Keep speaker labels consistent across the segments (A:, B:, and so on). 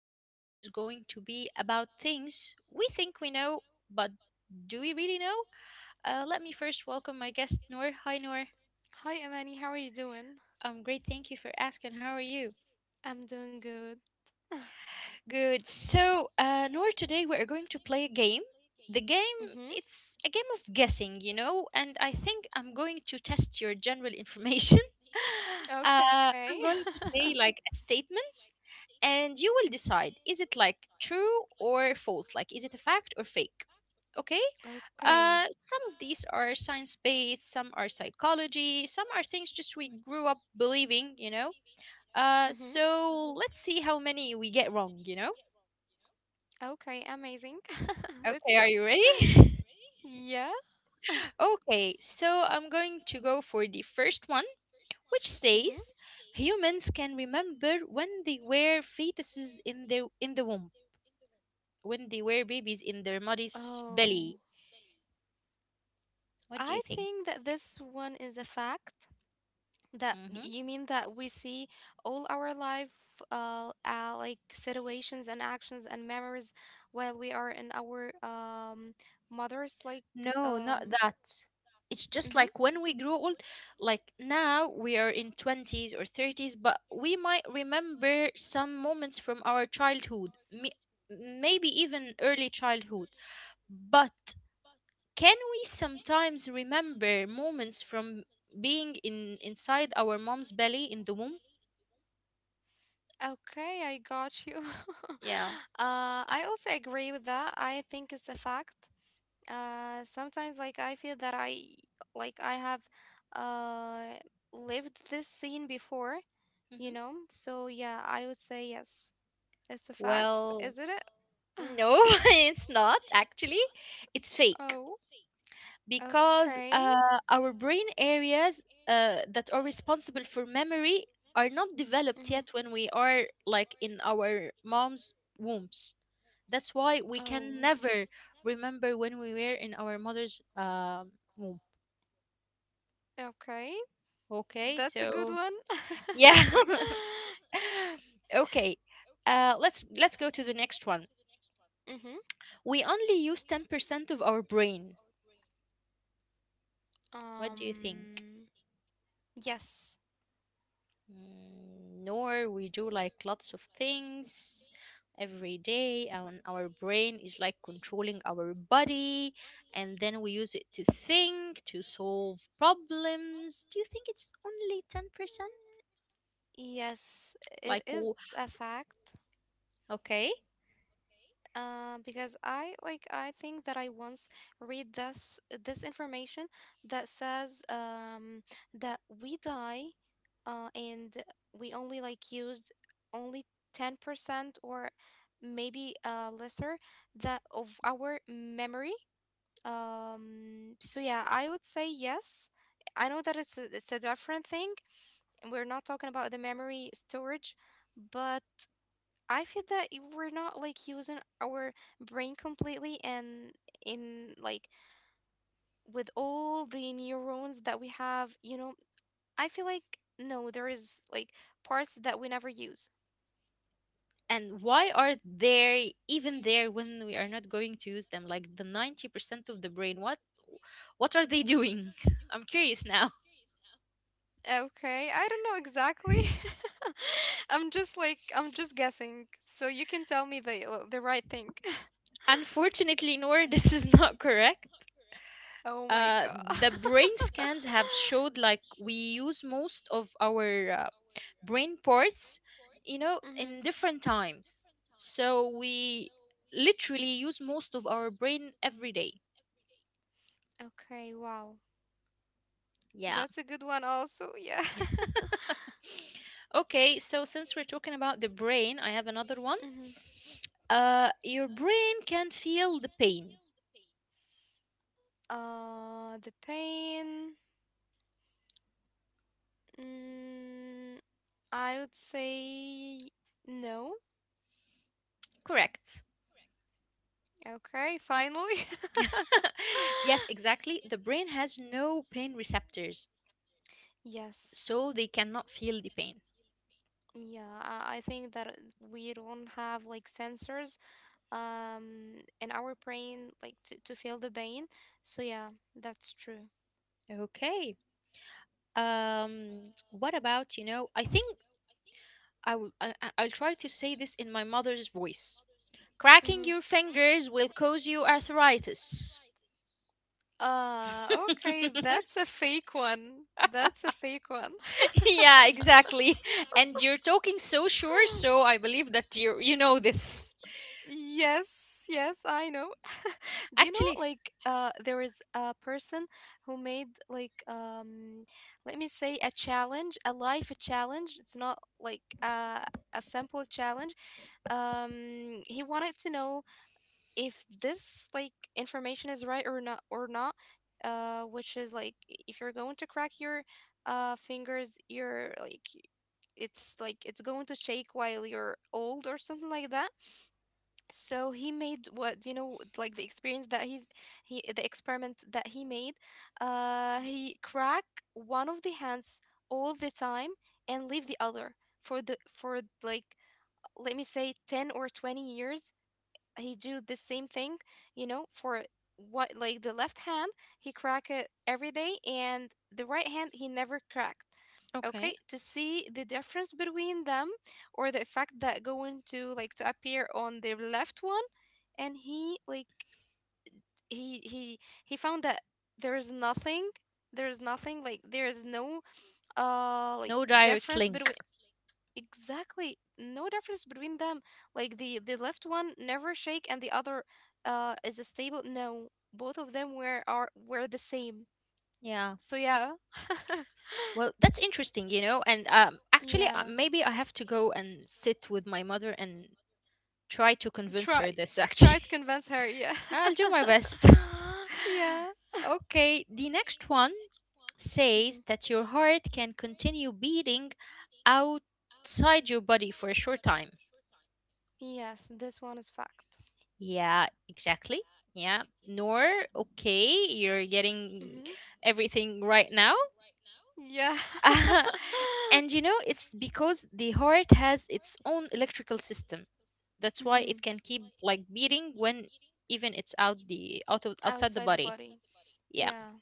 A: Today's episode is going to be about things we think we know, but do we really know? Let me first welcome my guest, Noor. Hi, Noor.
B: Hi, Amani. How are you doing?
A: I'm great. Thank you for asking. How are you?
B: I'm doing good.
A: Good. So, Noor, today we are going to play a game. The game,
B: Mm-hmm.
A: it's a game of guessing, you know, and I think I'm going to test your general information.
B: Okay.
A: I'm going to say like a statement, and you will decide, is it like true or false, like is it a fact or fake, okay?
B: Okay.
A: Some of these are science based, some are psychology, some are things just we grew up believing, you know.
B: Mm-hmm.
A: So let's see how many we get wrong, you know.
B: Okay. Amazing. Let's
A: Okay,
B: go.
A: are you ready?
B: Yeah.
A: Okay, so I'm going to go for the first one, which
B: Mm-hmm.
A: says humans can remember when they were fetuses in the womb, when they were babies in their mother's
B: Oh.
A: belly. What do
B: I
A: you think?
B: think that this one is a fact. That
A: Mm-hmm.
B: you mean that we see all our life, like situations and actions and memories while we are in our mother's like
A: No, not
B: um.
A: that. It's just like when we grew old, like now we are in 20s or 30s, but we might remember some moments from our childhood, maybe even early childhood. But can we sometimes remember moments from being in inside our mom's belly in the womb?
B: Okay, I got you.
A: Yeah.
B: uh, I also agree with that. I think it's a fact. Sometimes, like, I feel that I, like, I have, uh, lived this scene before, you
A: Hmm.
B: know? So, yeah, I would say yes. It's a fact,
A: Well,
B: isn't it?
A: no, it's not actually. It's fake.
B: Oh,
A: because
B: okay.
A: uh, our brain areas that are responsible for memory are not developed
B: Hmm.
A: yet when we are like in our mom's wombs. That's why we can
B: Oh,
A: never remember when we were in our mother's womb.
B: okay.
A: Okay,
B: That's a good
A: so
B: one.
A: yeah, okay. Let's go to the next one.
B: Mhm.
A: We only use 10% of our brain. What do you think?
B: Um yes.
A: Mm, nor, we do like lots of things every day, and our brain is like controlling our body, and then we use it to think, to solve problems. Do you think it's only 10%?
B: Yes, it
A: like
B: is
A: w-
B: a fact.
A: okay,
B: Because I like I think that I once read this information that says that we die and we only like used only 10% or maybe lesser that of our memory. So yeah, I would say yes. I know that it's a different thing. And we're not talking about the memory storage, but I feel that we're not like using our brain completely and in like with all the neurons that we have, you know, I feel like no, there is like parts that we never use.
A: and why are they even there when we are not going to use them? Like the 90% of the brain, what are they doing? I'm curious now.
B: Okay, I don't know exactly. I'm just like I'm just guessing. So you can tell me the right thing.
A: Unfortunately, nor, this is not correct.
B: Oh my God.
A: The brain scans have showed like we use most of our brain parts, you know,
B: Mhm.
A: in different times. So we literally use most of our brain every day.
B: Okay, wow.
A: Yeah.
B: That's a good one also. Yeah.
A: Okay, so since we're talking about the brain, I have another one.
B: Mhm.
A: Your brain can feel the pain.
B: The pain. Mm, I would say no.
A: Correct.
B: Okay, finally.
A: Yes, exactly. The brain has no pain receptors,
B: Yes.
A: so they cannot feel the pain.
B: Yeah, I think that we don't have like sensors um in our brain like to feel the pain, so yeah, that's true.
A: Okay. What about, you know, I think I will, I- I'll try to say this in my mother's voice.
B: Mm-hmm.
A: Cracking your fingers will cause you arthritis.
B: Okay, that's a fake one. That's a fake one.
A: Yeah,
B: Yeah.
A: exactly. And you're talking so sure, so I believe that you know
B: This.
A: this.
B: Yes, yes, I know. Do you know,
A: Actually,
B: like, there is a person who made, like, let me say, a challenge, a life challenge. It's not like a simple challenge. He wanted to know if this, like, information is right or not, which is like, if you're going to crack your fingers, you're like it's like, it's going to shake while you're old or something like that. So he made, what, you know, like, the experience that he's he the experiment that he made. He crack one of the hands all the time and leave the other for the for like, let me say, 10 or 20 years. He do the same thing, you know, for, what, like the left hand, he crack it every day, and the right hand he never cracked.
A: okay.
B: Okay, to see the difference between them, or the effect that going to, like, to appear on the left one. And he like he he he found that there is nothing. Like there is no like
A: No direct
B: difference
A: link.
B: between. Exactly. No difference between them. Like the left one never shake and the other is a stable. No, both of them were are were the same.
A: Yeah.
B: So yeah.
A: Well, that's interesting, you know. And actually,
B: Yeah.
A: maybe I have to go and sit with my mother and try to convince her
B: Try
A: this, actually.
B: try to convince her. Yeah.
A: I'll do my best.
B: Yeah.
A: Okay, the next one
B: Hmm.
A: says that your heart can continue beating outside your body for a short time.
B: Yes, this one is fact.
A: Yeah, exactly. Yeah, Nor, okay, you're getting
B: Hmm.
A: everything right now.
B: Yeah.
A: And you know, it's because the heart has its own electrical system. That's
B: Mm-hmm.
A: why
B: Even.
A: it can keep like beating when even it's outside the
B: Outside the
A: body.
B: body. Outside.
A: Yeah.
B: Yeah.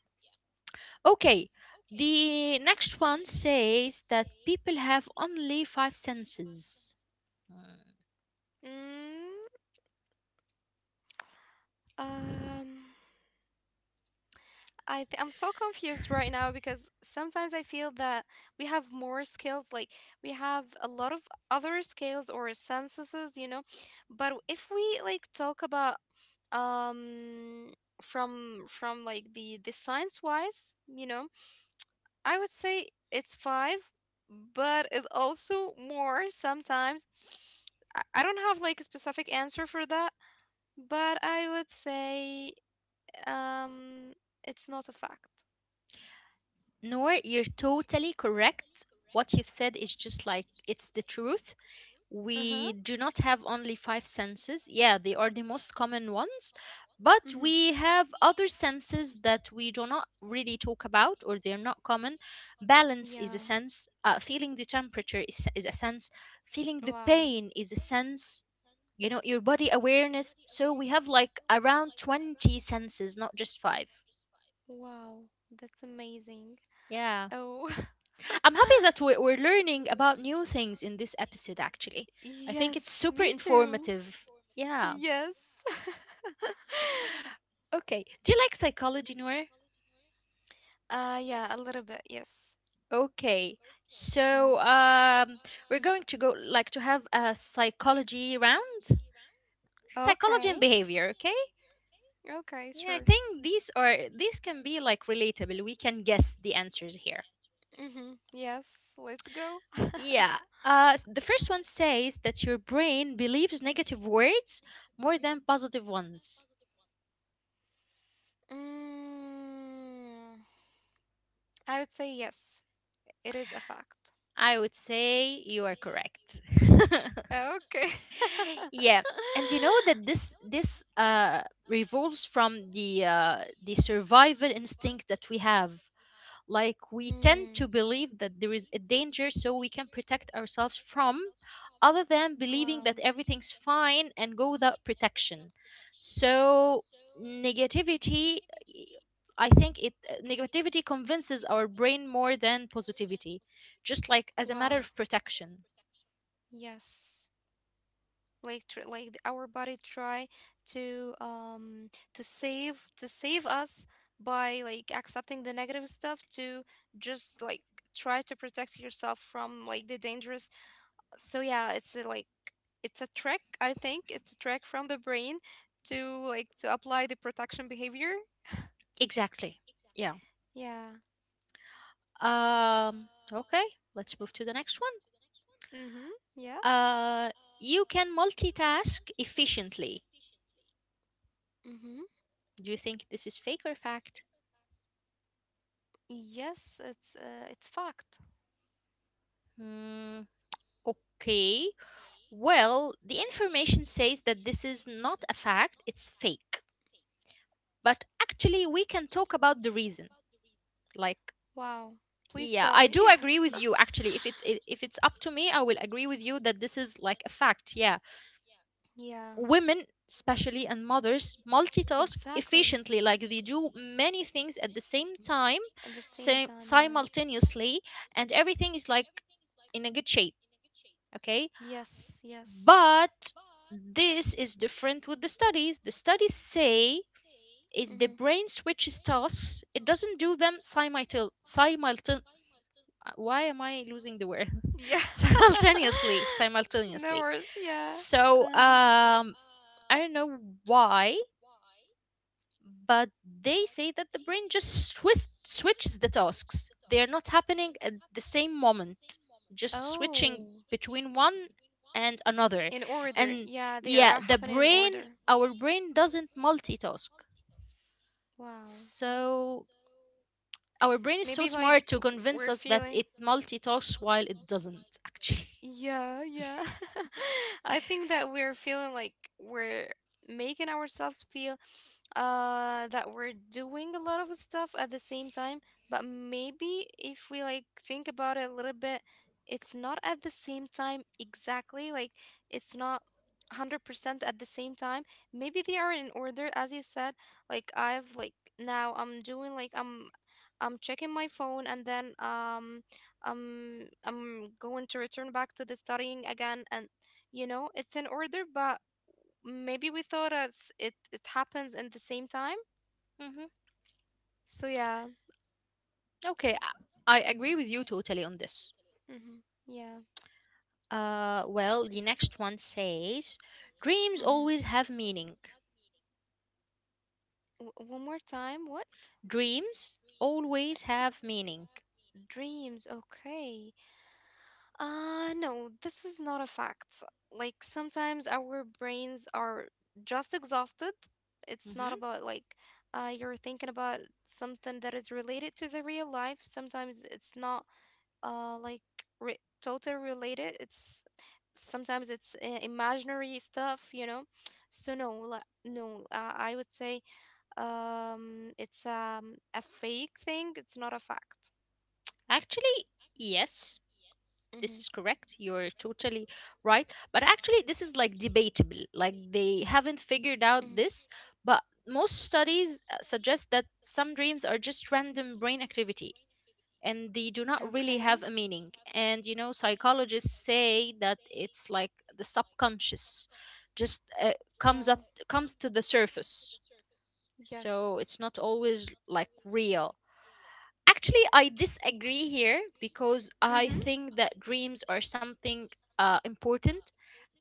A: Okay. The next one says that people have only five senses. Mm.
B: Mm, um, I'm so confused right now because sometimes I feel that we have more skills, like we have a lot of other skills or senses, you know. But if we, like, talk about um from like the science wise, you know, I would say it's five, but it also more sometimes. I don't have like a specific answer for that, but I would say um it's not a fact.
A: Noor, you're totally correct. What you've said is just like it's the truth.
B: Uh-huh.
A: We do not have only five senses. Yeah, they are the most common ones, but
B: Mm-hmm.
A: we have other senses that we do not really talk about, or they are not common. Balance is a
B: Yeah.
A: sense, feeling the temperature is a sense, feeling the
B: Wow.
A: pain is a sense, you know, your body awareness. So we have like around 20 senses, not just five.
B: Wow. That's amazing.
A: Yeah.
B: Oh.
A: I'm happy that
B: I'm
A: we're learning about new things in this episode, actually.
B: in
A: I
B: this episode.
A: think it's
B: Yes,
A: super
B: me too. Informative.
A: informative. Yeah.
B: Yeah. Yes.
A: Okay. Do you like psychology, Noor?
B: Yeah, a little bit. Yes.
A: Okay. So
B: Hmm.
A: we're going to go like to have a psychology round, psychology
B: Okay.
A: and behavior. Okay.
B: Okay,
A: Yeah, I
B: sure.
A: think these can be like relatable. We can guess the answers here.
B: Mhm. Yes, let's go.
A: Yeah. The first one says that your brain believes negative words more than positive ones.
B: Mm, I would say yes. It is a fact.
A: I would say you are correct.
B: Okay.
A: Yeah, and you know that this revolves from the survival instinct that we have. Like we
B: Like.
A: tend
B: Hmm.
A: to believe that there is a danger, so we can protect ourselves from, other than believing
B: Wow. Other.
A: that
B: Wow.
A: everything's fine and go without protection. So negativity, I think it negativity convinces our brain more than positivity, just like as a matter of protection.
B: Yes. Our body try to to save us by, like, accepting the negative stuff to just, like, try to protect yourself from, like, the dangerous. So yeah, it's a, like, it's a trick. I think it's a trick from the brain to, like, to apply the protection behavior.
A: Exactly.
B: Yeah.
A: Okay, let's move to the next one.
B: Mm-hmm. Yeah.
A: Uh, you can multitask efficiently.
B: Mm-hmm.
A: Do you think this is fake or fact?
B: Yes, it's fact.
A: Hmm, okay. Well, the information says that this is not a fact, it's fake. But actually, we can talk about the reason. Like,
B: Wow, please
A: yeah,
B: tell
A: I
B: me.
A: do agree with you actually. If it's up to me, I will agree with you that this is like a fact. Yeah.
B: Yeah,
A: Women especially and mothers multitask
B: exactly,
A: efficiently, like they do many things at the same time,
B: at the same
A: same,
B: time. Yeah.
A: simultaneously, and everything is like in a good shape, okay?
B: Yes, yes.
A: But this is different with the studies. The studies say is the
B: Mm-hmm.
A: brain switches tasks. It doesn't do them simultan simultan why am I losing the word?
B: Yeah. No
A: Simultaneously.
B: worries, yeah.
A: So
B: Uh,
A: um, I don't know why, but they say that the brain just switches the tasks. They are not happening at the same moment, just
B: oh.
A: switching between one and another.
B: In order.
A: And
B: Yeah, they are
A: yeah,
B: happening in order.
A: our brain doesn't multitask.
B: Wow.
A: So our brain is so
B: Maybe like
A: smart to convince
B: we're
A: us that it
B: feeling.
A: multitasks while it doesn't, actually.
B: Yeah, yeah. I think that we're feeling like we're making ourselves feel that we're doing a lot of stuff at the same time, but maybe if we, like, think about it a little bit, it's not at the same time exactly. Like it's not 100% at the same time. Maybe they are in order, as you said. Like I've, like, now I'm doing, like, I'm checking my phone, and then I'm going to return back to the studying again. And you know it's in order, but maybe we thought it happens in the same time.
A: Hmm.
B: So yeah.
A: Okay, I agree with you totally on this.
B: Mm-hmm. Yeah.
A: Well, the next one says dreams
B: Mm-hmm.
A: always have meaning.
B: One more time. What?
A: Dreams always have meaning.
B: Dreams. Okay. No, this is not a fact. Like sometimes our brains are just exhausted. It's not
A: Hmm.
B: about, like, you're thinking about something that is related to the real life. Sometimes it's not like total related. It's Sometimes it's imaginary stuff, you know. So no, like, no I would say it's a fake thing. It's not a fact.
A: Actually, yes. This
B: Mm-hmm.
A: is correct. You're totally right. But actually, this is like debatable. Like they haven't figured
B: Hmm.
A: out this, but most studies suggest that some dreams are just random brain activity and they do not really
B: Okay.
A: have a meaning. And you know, psychologists say that it's like the subconscious just
B: Wow.
A: comes to the surface. So
B: Yes.
A: it's not always like real. Actually, I disagree here because I
B: Mm-hmm.
A: think that dreams are something important,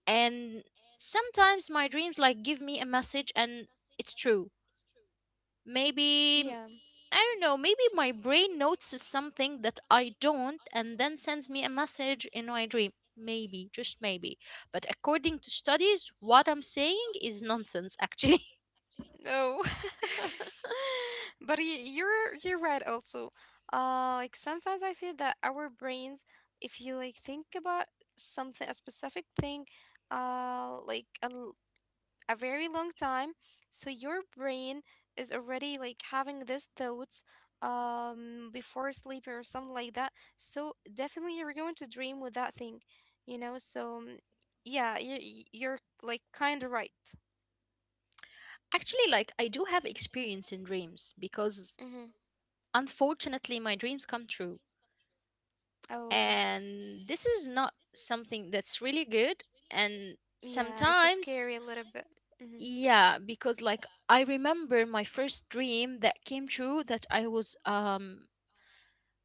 A: and sometimes my dreams like give me a message, and it's true. Maybe,
B: Yeah.
A: I don't know. Maybe my brain notices something that I don't, and then sends me a message in my dream. Maybe, just maybe. But according to studies, what I'm saying is nonsense. Actually,
B: No. But you're right also. Like, sometimes I feel that our brains, if you, like, think about something, a specific thing like a very long time. So your brain is already, like, having these thoughts before sleep or something like that. So definitely you're going to dream with that thing, you know. So yeah, you you're, like, kind of right.
A: actually, like I do have experience in dreams because
B: Mm-hmm.
A: unfortunately my dreams come true,
B: Oh
A: and this is not something that's really good. And
B: yeah, it's a
A: sometimes,
B: scary a little bit. Mm-hmm.
A: yeah, because like I remember my first dream that came true, that I was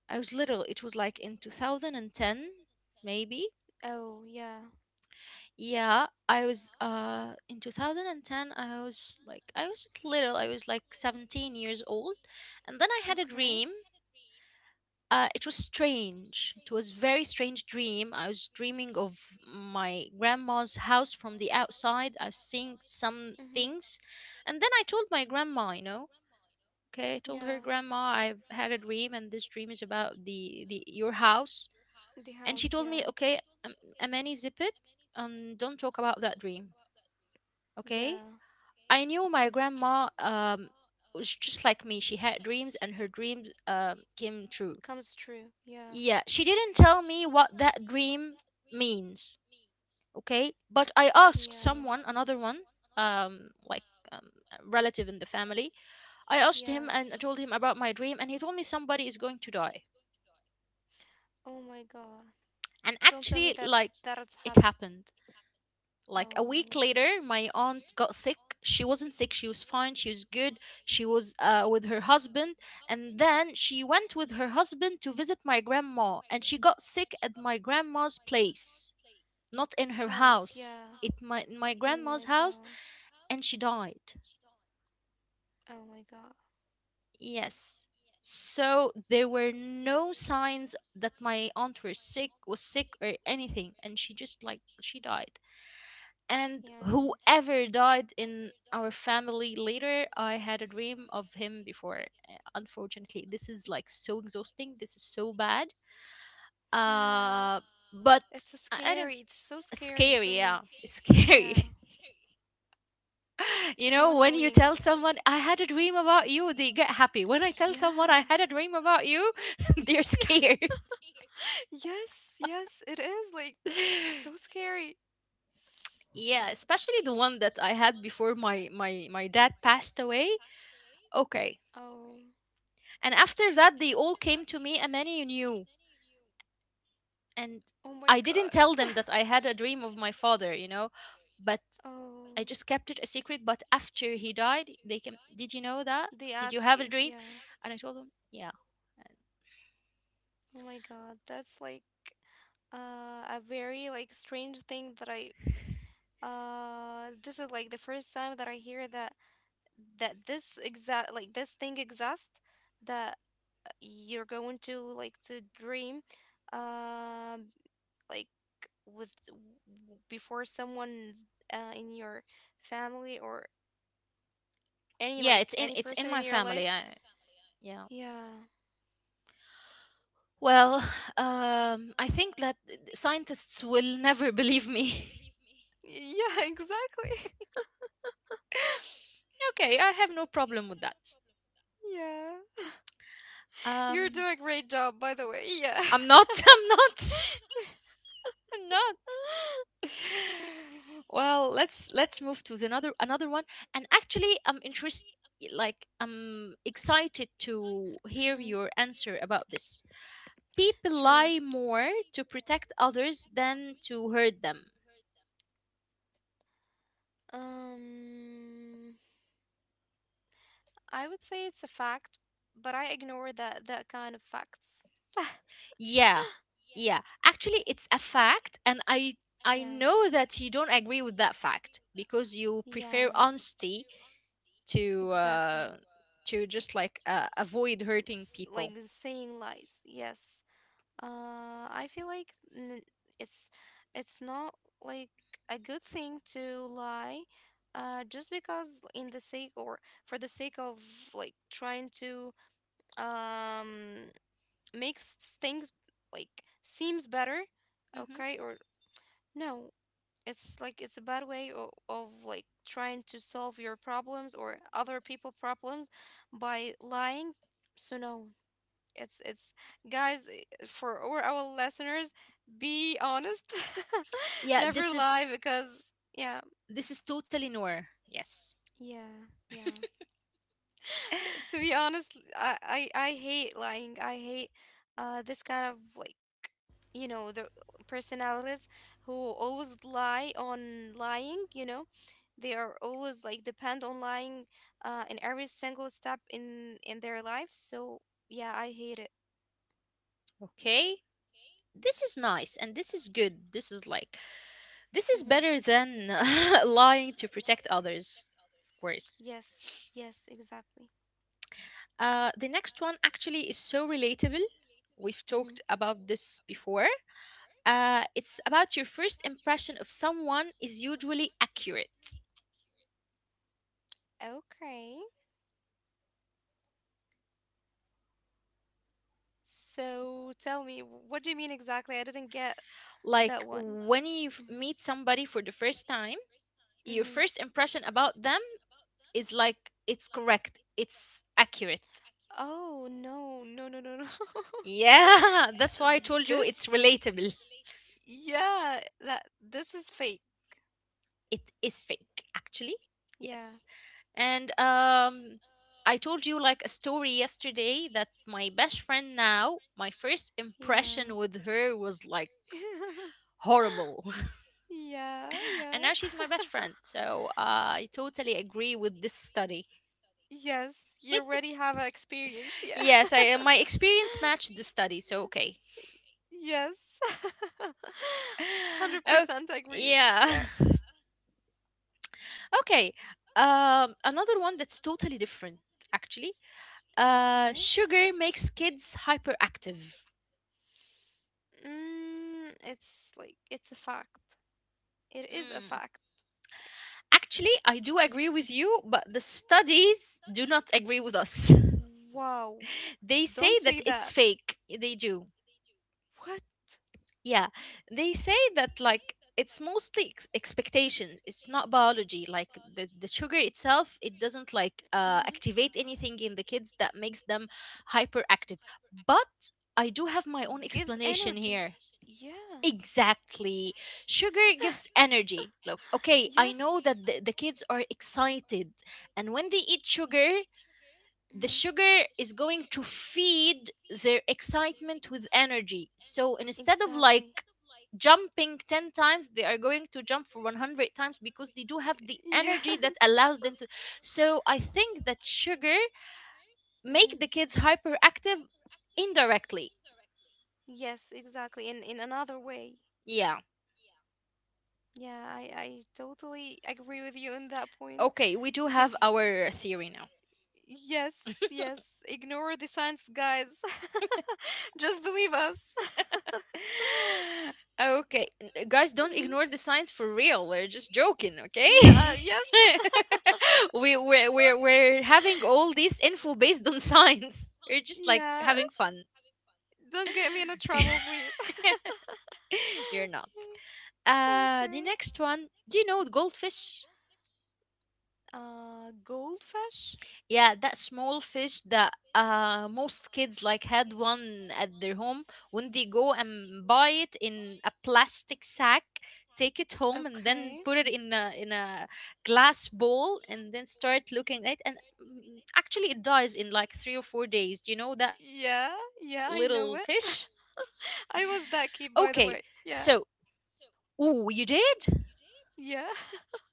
A: I was little. It was like in 2010, maybe.
B: Oh yeah.
A: Yeah, I was in 2010, I was like, I was little, I was like 17 years old, and then I had a
B: Okay.
A: dream. It was strange. It was very strange dream. I was dreaming of my grandma's house from the outside. I was seeing some things, and then I told my grandma, you know, okay, I told her,
B: Yeah.
A: grandma, I've had a dream, and this dream is about the your house, and she told me,
B: Yeah.
A: okay, Amani, zip it, and don't talk about that dream, okay?
B: Yeah.
A: I knew my grandma was just like me. She had dreams, and her dreams came true.
B: Comes true. Yeah.
A: Yeah, she didn't tell me what that dream means, okay? But I asked someone, another one, like a relative in the family. I asked him
B: Yeah.
A: and I told him about my dream, and he told me somebody is going to die.
B: Oh my god.
A: And
B: Don't tell me
A: actually,
B: that.
A: like, it happened. Like a week
B: Oh.
A: later, my aunt got sick. She wasn't sick, she was fine, she was good. She was with her husband, and then she went with her husband to visit my grandma, and she got sick at my grandma's place, not in her house, it my in my grandma's house, and she died.
B: Oh my god.
A: Yes, so there were no signs that my aunt was sick or anything, and she just like she died. And
B: Yeah.
A: whoever died in our family later, I had a dream of him before. Unfortunately this is like so exhausting, this is so bad,
B: Yeah,
A: uh but
B: it's
A: i, I don't,
B: scary. It's so
A: it's
B: scary for
A: scary,
B: me.
A: yeah, it's
B: Yeah,
A: scary.
B: it's
A: You
B: so
A: know, when you
B: annoying.
A: tell someone, I had a dream about you, they get happy. When I tell someone I
B: Yeah.
A: had a dream about you, they're
B: Yeah.
A: scared.
B: Yes, yes, it is like so scary.
A: Yeah, especially the one that I had before my dad passed away. Okay.
B: Oh.
A: And after that, they all came to me, and many knew. And
B: Oh my
A: I
B: god.
A: didn't tell them that I had a dream of my father, but I
B: Oh,
A: just kept it a secret. But after he died, they came. Did you know that?
B: they
A: Did you
B: ask
A: have a
B: you.
A: dream?
B: Yeah.
A: And I told them, yeah.
B: Oh my god, that's, like, a very, like, strange thing that I this is, like, the first time that I hear that that this exact, like, this thing exists, that you're going to, like, to dream um like with before someone's in your family or any,
A: Yeah,
B: like,
A: it's in
B: any
A: it's in
B: person in
A: my
B: your
A: family
B: life.
A: I, Yeah.
B: Yeah.
A: Well, I think that scientists will never believe me.
B: Yeah. Exactly.
A: Okay, I have no problem with that
B: Yeah. You're
A: um
B: doing a great job, by the way. Yeah.
A: i'm not I'm not. Well, let's move to the another one. And actually, I'm interested, like, I'm excited to hear
B: Mm-hmm.
A: your answer about this. People
B: Sure.
A: lie more to protect others than to hurt them.
B: Um, I would say it's a fact, but I ignore that kind of facts.
A: Yeah. Yeah, actually it's a fact, and I
B: Yeah.
A: know that you don't agree with that fact because you
B: Yeah,
A: prefer honesty to
B: exactly.
A: uh to just like avoid hurting
B: Like,
A: people.
B: saying lies. Yes. I feel like it's it's not like a good thing to lie, just because in the sake or for the sake of, like, trying to um makes things, like, seems better,
A: Hmm.
B: okay? Or no, it's like it's a bad way of like trying to solve your problems or other people problems by lying. So no, it's, guys, for all our listeners, be honest.
A: Yeah,
B: Never
A: this is
B: lie because, yeah.
A: this is totally noir. Yes.
B: Yeah. Yeah. To be honest, I hate lying. I hate this kind of, like, you know, the personalities who always lie on lying, you know. They are always, like, depend on lying, in every single step in their life. So yeah, I hate it.
A: Okay. This is nice, and this is good. This is like this is
B: Mm-hmm.
A: better than lying to protect others, of course.
B: Yes, yes, exactly.
A: The next one actually is so relatable. We've talked
B: Mm-hmm.
A: about this before. It's about your first impression of someone is usually accurate.
B: Okay. So tell me, what do you mean exactly? I didn't get
A: Like
B: that one.
A: when you meet somebody for the first time, your
B: Mm-hmm.
A: first impression about them is like it's correct, it's accurate.
B: Oh, no, no, no, no, no.
A: Yeah, that's why I told you it's
B: This,
A: relatable.
B: yeah, that this is fake.
A: It is fake, actually.
B: Yeah,
A: Yes. And I told you, like, a story yesterday that my best friend now, my first
B: yeah.
A: impression with her was like horrible.
B: Yeah,
A: And
B: yeah.
A: now she's my best friend, so I totally agree with this study.
B: Yes, you already have an experience. Yeah.
A: Yes, I my experience matched the study, so okay.
B: Yes.
A: Oh,
B: 100% agree.
A: yeah.
B: Yeah.
A: Okay. Another one that's totally different, actually.
B: Okay.
A: Sugar makes kids hyperactive.
B: Hyperactive. It's like, it's a fact. It is a
A: Mm.
B: fact.
A: Actually, I do agree with you, but the studies do not agree with us.
B: Wow.
A: They say that
B: Say
A: it's fake. They do.
B: do. What?
A: Yeah. They say that, like, it's mostly expectations. It's not biology. Like, the sugar itself, it doesn't,
B: It.
A: like,
B: Hmm.
A: activate anything in the kids that makes them hyperactive. But I do have my own
B: I
A: explanation
B: here.
A: here.
B: Yeah.
A: Exactly. Sugar gives energy. Look, okay,
B: Okay,
A: I
B: yes.
A: know that the kids are excited, and when they eat sugar, the
B: Hmm.
A: sugar is going to feed their excitement with energy. So instead of
B: Exactly.
A: like jumping 10 times, they are going to jump for 100 times because they do have the energy that
B: Yes.
A: allows them to. So I think that sugar make
B: Mhm.
A: the kids hyperactive indirectly.
B: Yes, exactly. In another way.
A: Yeah.
B: Yeah, I totally agree with you on that point.
A: Okay, we
B: Okay,
A: do
B: because
A: have our theory now.
B: serious. Yes, yes, ignore the science, guys. Just believe us.
A: Okay,
B: Okay,
A: guys, don't
B: Mhm.
A: ignore the
B: Guys,
A: signs for real. We're just joking, okay?
B: yeah, yes.
A: we we're having all this info based on signs. We're just like
B: Yeah,
A: having fun.
B: don't get me into trouble, please.
A: You're not. The
B: Okay.
A: next one. Do you know goldfish?
B: Goldfish?
A: Yeah, that small fish that most kids like had one at their home, when they go and buy it in a plastic sack, take it home and then
B: Okay.
A: put it in a glass bowl and then start looking at it, and actually it dies in like 3 or 4 days. Do you know that
B: Yeah,
A: little fish?
B: yeah, I know it. I
A: Okay,
B: was that kid, by
A: so
B: the way. Yeah,
A: ooh, you did?
B: yeah.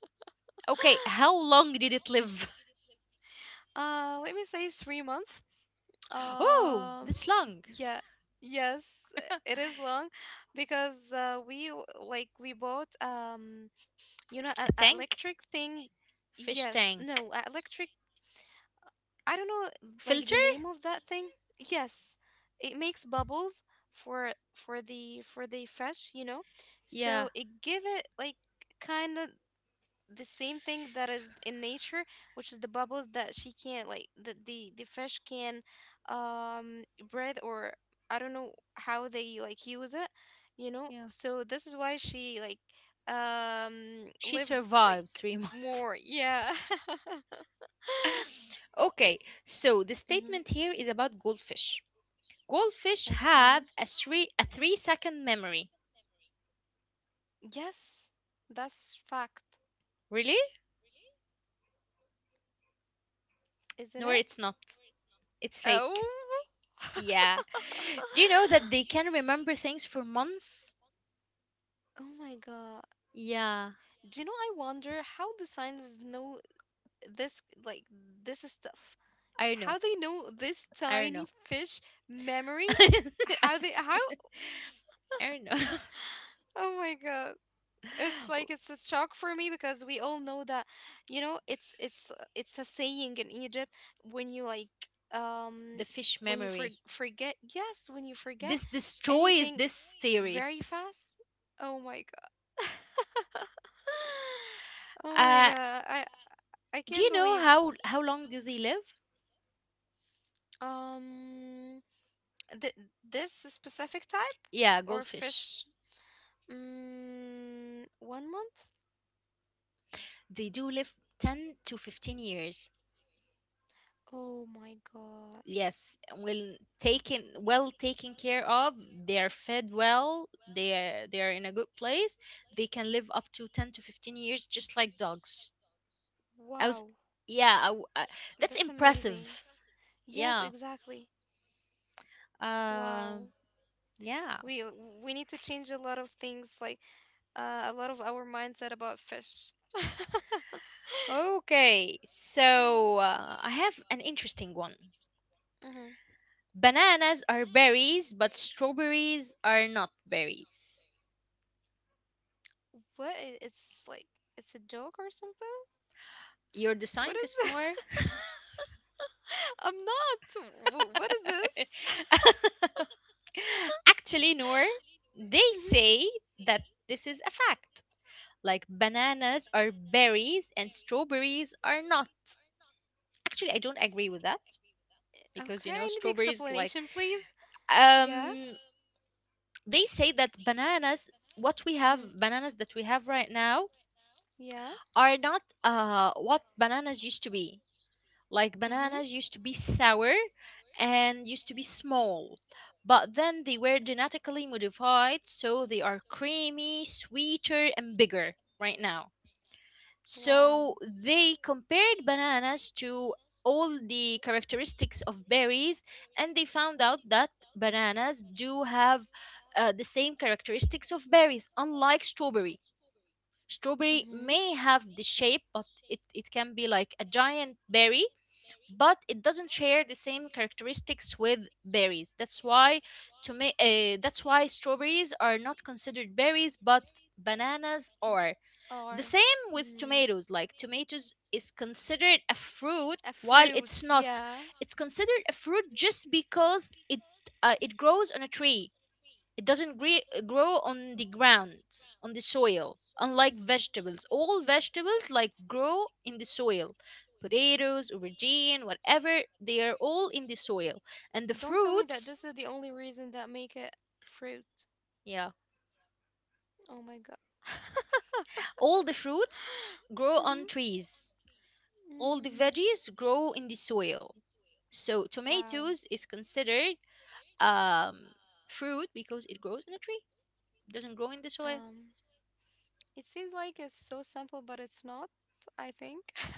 A: Okay, how long did it live?
B: Let me say 3 months.
A: Oh,
B: Um,
A: that's long.
B: yeah, yes, it is long because we like, we bought, you know, an
A: A tank,
B: electric thing.
A: fish
B: Yes, no, a
A: tank,
B: electric. I don't know, like, the
A: filter?
B: name of that thing. Yes, it makes bubbles for the fish, you know. So
A: Yeah,
B: it give it like kind of the same thing that is in nature, which is the bubbles that she can't like that the fish can um breathe or I don't know how they like use it, you know.
A: yeah.
B: So this is why she like
A: She
B: lived like
A: survived three months.
B: more. Yeah.
A: Okay, so the
B: hmm.
A: statement here is about goldfish. Goldfish
B: Okay.
A: have a 3-second memory.
B: Yes, that's fact,
A: Really?
B: isn't
A: No,
B: it?
A: it's not. It's fake.
B: Oh.
A: Yeah. Do you know that they can remember things for months?
B: Oh my God.
A: Yeah.
B: Do you know, I wonder how the scientists know this, like, this stuff.
A: I don't
B: How
A: know.
B: they know this
A: I don't
B: tiny
A: know.
B: fish memory?
A: I
B: How they, how?
A: don't know.
B: Oh my God. It's like it's a shock for me because we all know that you know it's a saying in Egypt when you like
A: The
B: um
A: fish
B: when you for,
A: memory.
B: forget yes when you forget
A: This destroys
B: anything
A: this theory.
B: very fast. Oh my god. Oh my
A: Uh,
B: god. I can't
A: do you
B: believe.
A: know how long do they live?
B: um th- this specific type
A: Yeah,
B: or
A: goldfish.
B: fish, mm, 1 month.
A: They do live 10 to 15 years.
B: Oh my god.
A: Yes, well taken care of, they're fed well, they are in a good place. They can live up to 10 to 15 years, just like dogs. I
B: Wow.
A: was Yeah,
B: Yeah, I would
A: that's
B: That's say amazing.
A: impressive.
B: Impressive. Yes, Yeah.
A: Yeah.
B: exactly. Wow.
A: Um yeah.
B: We we need to change a lot of things, like a lot of our mindset about fish. Okay, so.
A: Okay. So, I have an interesting one.
B: Mm-hmm.
A: Bananas are berries, but strawberries are not berries.
B: What? It's like it's a joke or something?
A: You're the
B: What is
A: scientist,
B: it?
A: Noor.
B: I'm not. What is this?
A: Actually, Noor, they
B: hmm.
A: say that this is a fact. Like, bananas are berries and strawberries are not. Actually, I don't agree with that because, you
B: Okay,
A: know,
B: I need
A: strawberries, like,
B: explanation, please. Yeah.
A: um they say that
B: Mm-hmm.
A: bananas that we have right now
B: Yeah.
A: are not what bananas used to be. Like,
B: Mm-hmm.
A: bananas used to be sour and used to be small, but then they were genetically modified, so they are creamy, sweeter, and bigger right now.
B: Wow.
A: So they compared bananas to all the characteristics of berries, and they found out that bananas do have the same characteristics of berries, unlike strawberry. Strawberry
B: Mm-hmm.
A: may have the shape, but it can be like a giant berry, but it doesn't share the same characteristics with berries. That's why strawberries are not considered berries, but bananas are. The
B: Or,
A: same with
B: mm,
A: tomatoes. Like, tomatoes is considered a fruit
B: a
A: while
B: fruit,
A: it's not.
B: yeah.
A: It's considered a fruit just because it grows on a tree, it doesn't grow on the ground, on the soil, unlike vegetables. All vegetables like grow in the soil. Potatoes, aubergine, whatever, they are all in the soil. And the
B: Don't tell me that
A: fruits,
B: this is the only reason that make it fruit.
A: yeah,
B: Oh my god.
A: all the fruits grow on
B: Mm-hmm.
A: trees. All the
B: mm,
A: veggies grow in the soil. So
B: wow.
A: tomatoes is considered um, fruit because it grows in a tree, doesn't grow in the soil.
B: Um, it seems like it's so simple, but it's not, I think.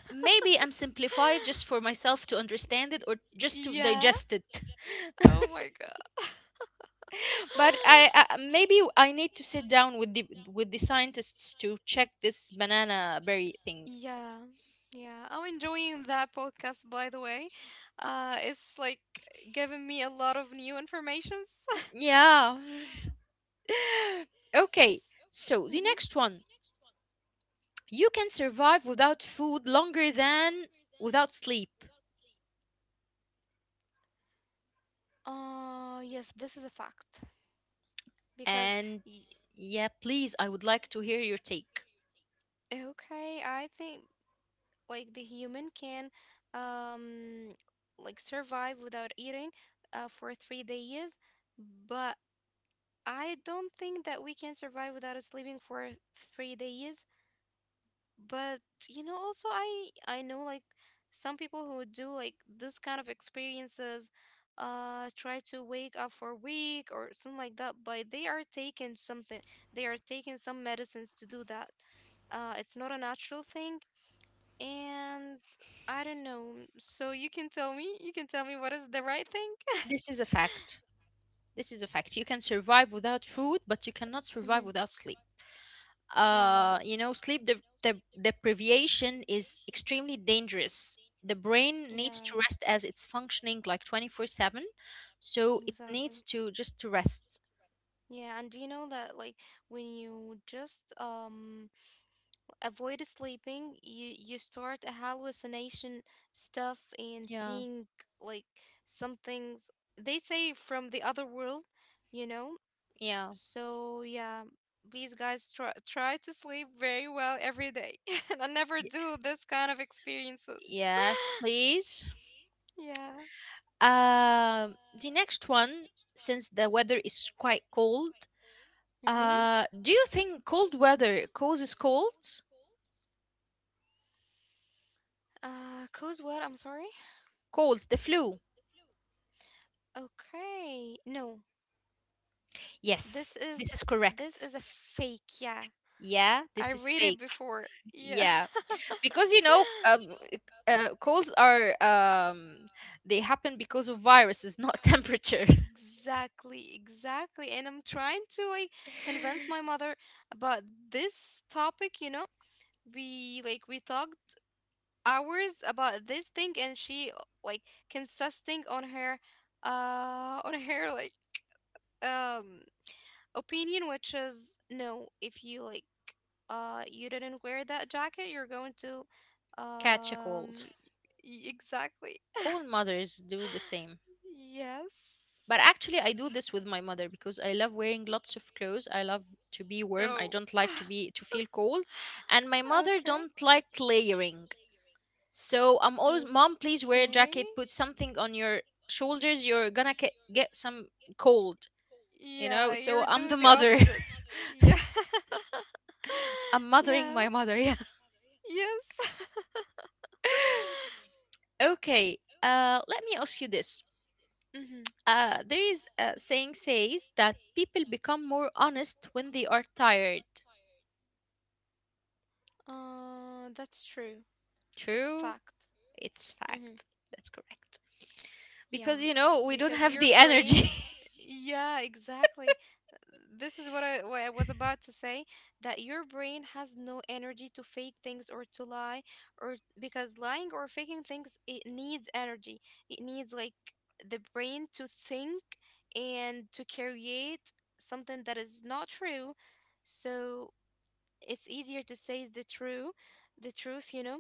A: Maybe I'm simplified just for myself to understand it, or just to
B: Yeah.
A: digest it.
B: Oh my god.
A: But I maybe I need to sit down with the scientists to check this banana berry thing.
B: Yeah. Yeah. I'm enjoying that podcast by the way. It's like giving me a lot of new informations.
A: Yeah. Okay. So the
B: hmm.
A: next one, you can survive without food longer than without sleep.
B: Yes, this is a fact because
A: And
B: y-
A: yeah, please, I would like to hear your take.
B: okay, I think like the human can um like survive without eating for 3 days, but I don't think that we can survive without sleeping for 3 days. But you know also I know like some people who do like this kind of experiences, try to wake up for a week or something like that, but they are taking something, they are taking some medicines to do that. Uh it's not a natural thing. And I don't know. So you can tell me, you can tell me what is the right thing?
A: This is a fact. This is a fact. You can survive without food, but you cannot survive
B: hmm.
A: without sleep.
B: Wow.
A: You know, sleep deprivation is extremely dangerous. The brain needs
B: Yeah,
A: to rest as it's functioning like 24/7, so it needs
B: exactly.
A: to just to rest.
B: Yeah, and do you know that like when you just avoid sleeping you start a hallucination stuff and
A: Yeah,
B: seeing like some things, they say from the other world, you know.
A: yeah.
B: So yeah, please guys, try try to sleep very well every day, and I never
A: Y-
B: do this kind of experiences.
A: Yes, please.
B: Yeah.
A: The next one, since the weather is quite cold,
B: Mm-hmm.
A: do you think cold weather causes colds?
B: Uh cause what, I'm sorry?
A: Colds, the flu.
B: Okay, no.
A: Yes,
B: This is
A: this is
B: this
A: correct.
B: is a fake, yeah.
A: Yeah,
B: I
A: this is
B: read it
A: fake.
B: before. Yeah.
A: Yeah, because colds are, they happen because of viruses, not temperature.
B: Exactly, exactly. And I'm trying to like convince my mother about this topic, you know. We like we talked hours about this thing and she like consisting on her like um opinion, which is no, if you like you didn't wear that jacket, you're going to
A: Catch a
B: um
A: cold.
B: exactly.
A: All mothers do the same.
B: Yes.
A: But actually, I do this with my mother because I love wearing lots of clothes, I love to be warm, I
B: Oh.
A: don't like to be to feel cold, and my mother
B: Okay.
A: don't like layering. So I'm always, Mom, please wear a
B: Okay.
A: jacket, put something on your shoulders, you're gonna get some cold, you know?
B: Yeah,
A: So
B: you're
A: I'm
B: doing
A: the
B: the
A: mother.
B: opposite. Yeah.
A: I'm mothering
B: Yeah.
A: my mother. Yeah.
B: Yes.
A: Okay. Let me ask you this.
B: Mhm.
A: There is a saying says that people become more honest when they are tired.
B: That's true. It's a
A: True,
B: fact.
A: it's
B: Mm-hmm.
A: fact. That's correct. Because,
B: Yeah,
A: you know, we don't
B: because
A: have
B: your
A: the
B: brain,
A: energy.
B: yeah, exactly. This is what I was about to say, that your brain has no energy to fake things or to lie, or because lying or faking things, it needs energy. It needs like the brain to think and to create something that is not true. So it's easier to say the true the truth you know.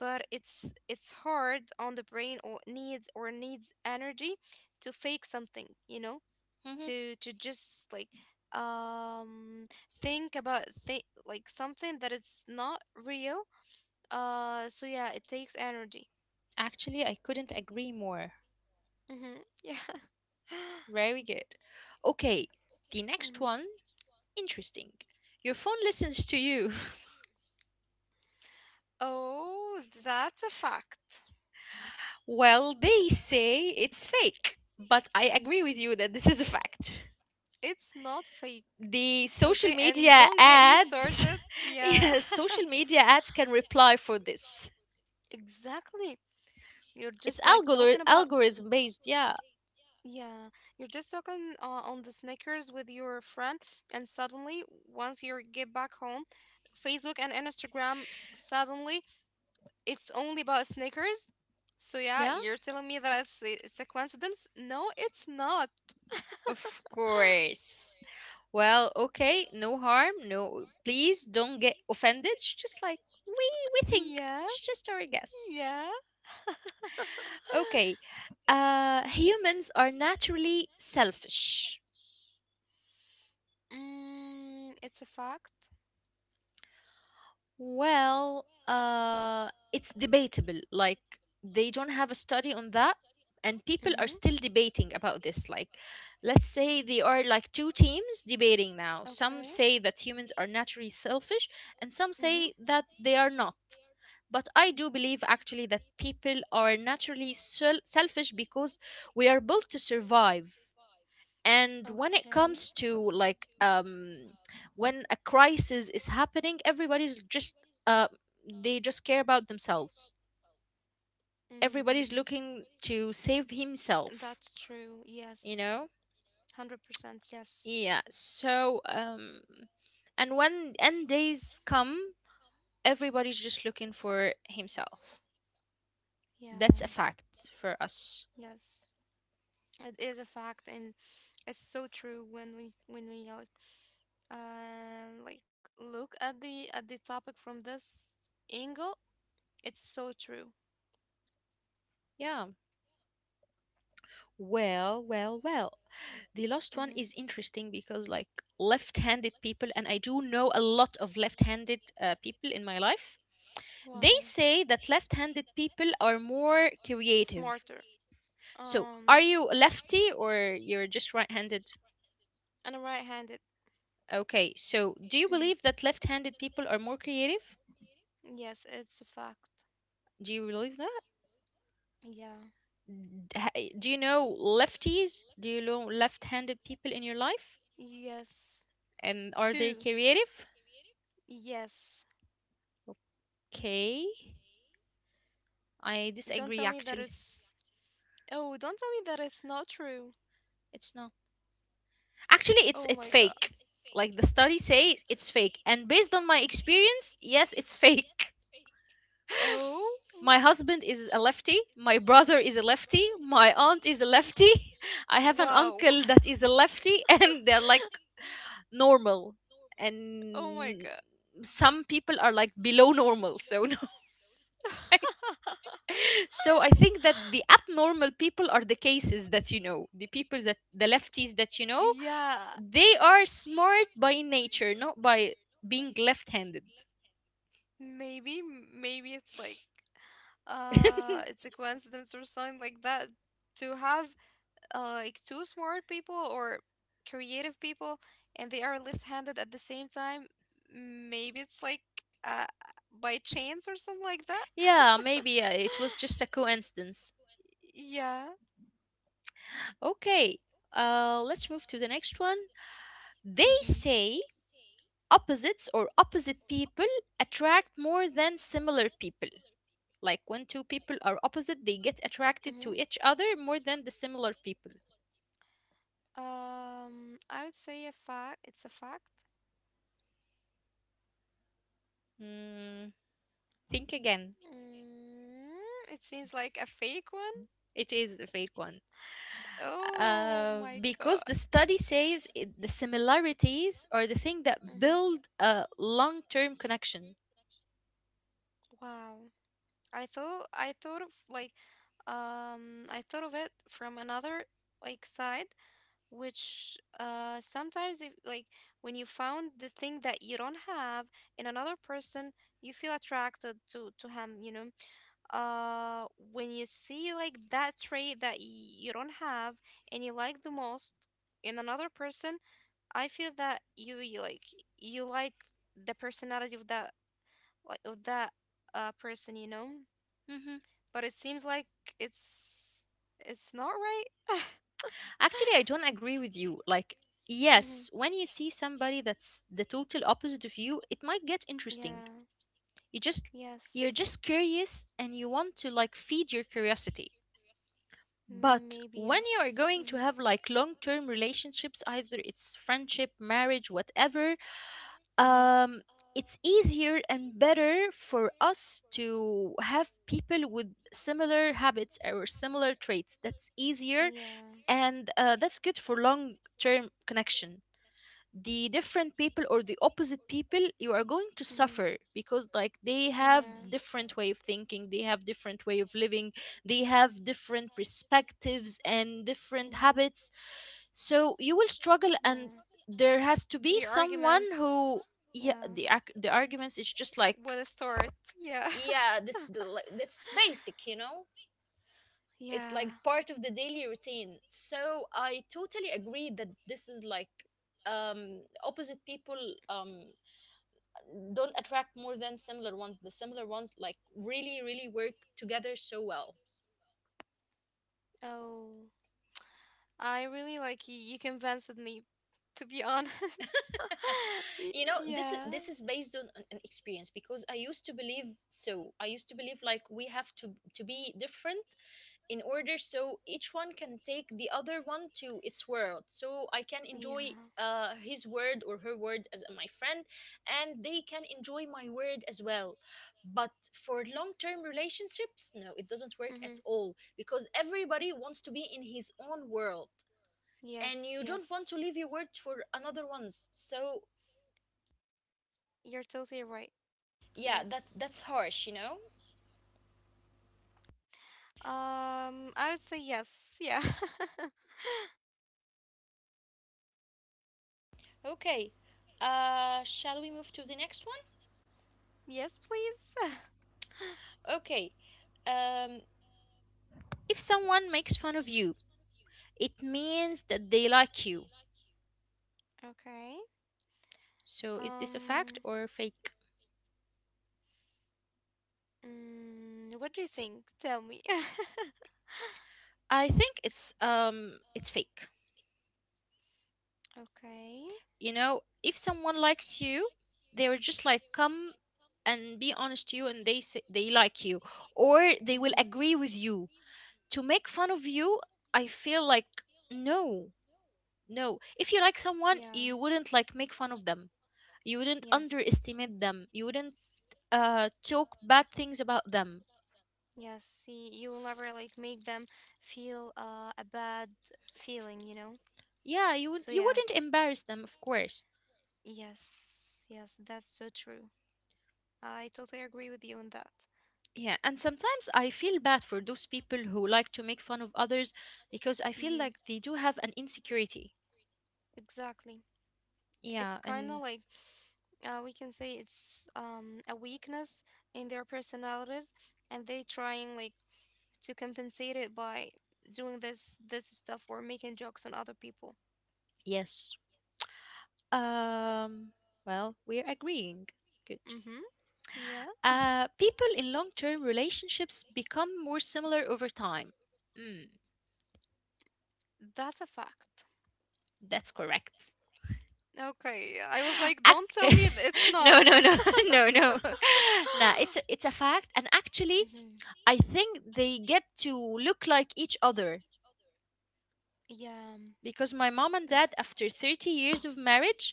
B: But it's hard on the brain or needs energy to fake something, you know,
A: Mhm.
B: to just like um think about think like something that it's not real. Uh so yeah, it takes energy.
A: Actually, I couldn't agree more.
B: Mm-hmm. Yeah.
A: Very good. Okay, the next one
B: hmm.
A: interesting. Your phone listens to you.
B: Oh, that's a fact.
A: Well, they say it's fake, but I agree with you that this is a fact.
B: It's not fake.
A: The social
B: Okay, and
A: media
B: don't get me
A: ads.
B: started. Yeah.
A: Yeah, social media ads can reply for this.
B: Exactly. You're just
A: It's
B: like talking about.
A: algorithm based. Yeah,
B: Yeah, you're just talking on the Snickers with your friend, and suddenly, once you get back home, Facebook and Instagram, suddenly it's only about Snickers. So yeah,
A: yeah,
B: you're telling me that it's a coincidence? No, it's not.
A: of course. Well, okay, no harm, no, please don't get offended, it's just like we think,
B: Yeah,
A: it's just our guess.
B: yeah.
A: Okay. Humans are naturally selfish.
B: Mm, it's a fact.
A: Well, it's debatable. Like, they don't have a study on that, and people are
B: Mm-hmm.
A: still debating about this. Like, let's say they are like two teams debating now. Some say that humans are naturally selfish, and some say that they are not. But I do believe actually that people are naturally selfish because we are built to survive, and
B: And,
A: when it comes to like when a crisis is happening, everybody's just uh they just care about themselves, everybody's
B: mm,
A: looking to save himself,
B: that's themselves, true.
A: you
B: Yes.
A: know.
B: 100% yes.
A: Yeah, so and when end days come, everybody's just looking for himself.
B: Yeah.
A: That's a fact for us.
B: Yes. It is a fact and it's so true when we like and like look at the topic from this angle. It's so true.
A: Yeah. Well, well, well. The last one is
B: hmm.
A: interesting because, like, left-handed people, and I do know a lot of left-handed people in my life. They
B: Wow.
A: say that left-handed people are more creative.
B: Smarter,
A: So, are
B: um,
A: you lefty, or you're just right-handed?
B: and right-handed.
A: Okay. So, do you
B: Mhm.
A: believe that left-handed people are more creative?
B: Yes, it's a fact.
A: Do you believe that?
B: Yeah.
A: Do you know lefties? Do you know left-handed people in your life?
B: Yes.
A: And are they
B: Two.
A: creative?
B: Yes.
A: Okay. I
B: Don't tell
A: disagree,
B: me that
A: actually.
B: it's. Oh, don't tell me that it's not true.
A: It's not. Actually, it's
B: Oh
A: it's
B: my god.
A: fake. Like, the study says it's fake, and based on my experience, yes, it's fake.
B: Oh.
A: My husband is a lefty, my brother is a lefty, my aunt is a lefty. I have an
B: Wow.
A: uncle that is a lefty. And they're like normal,
B: Oh my
A: and
B: god.
A: some people are like below normal, so no. So I think that the abnormal people are the cases that you know, the people that, the lefties that you know,
B: Yeah,
A: they are smart by nature, not by being left handed.
B: maybe maybe it's like it's a coincidence or something like that, to have like two smart people or creative people and they are left-handed at the same time. Maybe it's like uh, by chance or something like that.
A: Yeah, maybe it was just a coincidence.
B: Yeah.
A: Okay, let's move to the next one. They
B: Mm-hmm.
A: say opposites, or opposite people, attract more than similar people. Like, when two people are opposite, they get attracted to
B: Mm-hmm.
A: each other more than the similar people.
B: I would say a fact. It's a fact.
A: Hmm, think again.
B: Mm, it seems like a fake one.
A: It is a fake one.
B: Oh my
A: Because
B: god.
A: the study says it, the similarities are the thing that build
B: hmm.
A: a long-term connection.
B: Wow. I thought of like I thought of it from another like side, which sometimes if like when you found the thing that you don't have in another person, you feel attracted to him, you know. Uh when you see like that trait that you don't have and you like the most in another person, I feel that you like the personality of that like of that person, you know?
A: Hmm
B: But it seems like it's it's not right.
A: Actually, I don't agree with you. Like,
B: hmm.
A: yes, when you see somebody that's the total opposite of you, it might get interesting.
B: Yeah.
A: You just you're
B: Yes.
A: just curious and you want to like feed your curiosity. But
B: Maybe
A: when you are
B: yes.
A: going to have like long-term relationships, either it's friendship, marriage, whatever,
B: hmm. hmm.
A: um, it's easier and better for us to have people with similar habits or similar traits. That's easier,
B: Yeah.
A: and that's good for long term connection. The different people or the opposite people, you are going to
B: Mhm.
A: suffer, because like, they have
B: Yeah.
A: different way of thinking, they have different way of living, they have different perspectives and different habits. So you will struggle, and there has to be someone who,
B: The
A: yeah,
B: argument
A: the arguments is just like,
B: start. Yeah. Yeah, that
A: yeah,
B: will
A: that's the, like, that's basic, you know.
B: start. Yeah.
A: It's like part of the daily routine. So I totally agree that this is like, opposite people, um don't attract more than similar ones. The similar ones like really really work together so well.
B: Oh, I really like you. You convinced me, to be honest.
A: You know, this is,
B: Yeah.
A: this is based on an experience, because I used to believe so. I used to believe like we have to be different in order, so each one can take the other one to its world, so I can
B: Yeah.
A: enjoy
B: Sometimes
A: his word or her word as my friend, and they can enjoy my word as well. But for long-term relationships, no, it doesn't work at all, because everybody wants to be in his own world,
B: all.
A: and you
B: Yes,
A: don't want to
B: yes.
A: leave your word for another one's. So
B: You're totally right.
A: yeah, that
B: Yes.
A: that's harsh, you know.
B: I would say yes. Yeah.
A: Okay, shall we move to the next one?
B: Yes, please.
A: Okay, um, if someone makes fun of you, it means that they like you.
B: Okay.
A: So is this a fact
B: Um,
A: or fake?
B: mm, what do you think? Tell me.
A: I think it's fake.
B: Okay.
A: You know, if someone likes you, they will just like come and be honest to you, and they say they like you, or they will
B: Mm-hmm.
A: agree with you. To make fun of you, I feel like no. No. If you like someone,
B: Yeah.
A: you wouldn't like make fun of them. You wouldn't
B: Yes.
A: underestimate them. You wouldn't talk bad things about them.
B: Yes. See, you will never like make them feel a bad feeling, you know?
A: Yeah,
B: So
A: you
B: yeah.
A: wouldn't embarrass them, of course.
B: Yes. Yes, that's so true. I totally agree with you on that.
A: Yeah, and sometimes I feel bad for those people who like to make fun of others, because I feel
B: hmm.
A: like they do have an insecurity.
B: Exactly.
A: Yeah,
B: It's kind
A: and
B: of like we can say it's a weakness in their personalities, and they trying like to compensate it by doing this stuff or making jokes on other people.
A: yes. Um, well, we're agreeing. Good.
B: Mm-hmm. Yeah,
A: Uh, people in long-term relationships become more similar over time. Mm,
B: that's a fact.
A: that's correct.
B: Okay, I was like, don't
A: Ac-
B: tell me it's not.
A: no, no, no. No, no. Nah, it's a fact, and actually
B: Mhm.
A: I think they get to look like each other,
B: Yeah.
A: because my mom and
B: And,
A: dad, after 30 years of marriage,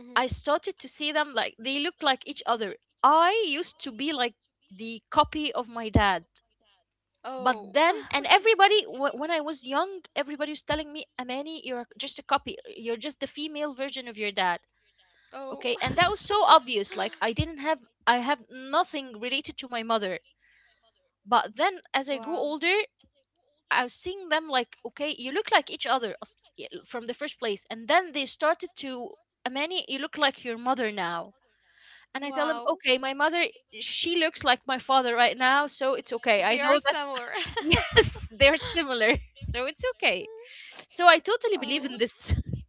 B: Mhm.
A: I started to see them like they look like each other. I used to be like the copy of my dad. But
B: Oh.
A: then, and everybody, when I was young, everybody was telling me, Amani, you're just a copy. You're just the female version of your dad.
B: Oh.
A: Okay. And that was so obvious. Like, I have nothing related to my mother. But then, as I
B: Wow.
A: grew older, I was seeing them like, okay, you look like each other from the first place. And then they started to, Amani, you look like your mother now. And I tell them, okay,
B: Wow.
A: my mother, she looks like my father right now, so it's okay.
B: They
A: I
B: are
A: know that.
B: similar.
A: Yes, they're similar, so it's okay. So I totally believe
B: Oh.
A: in this.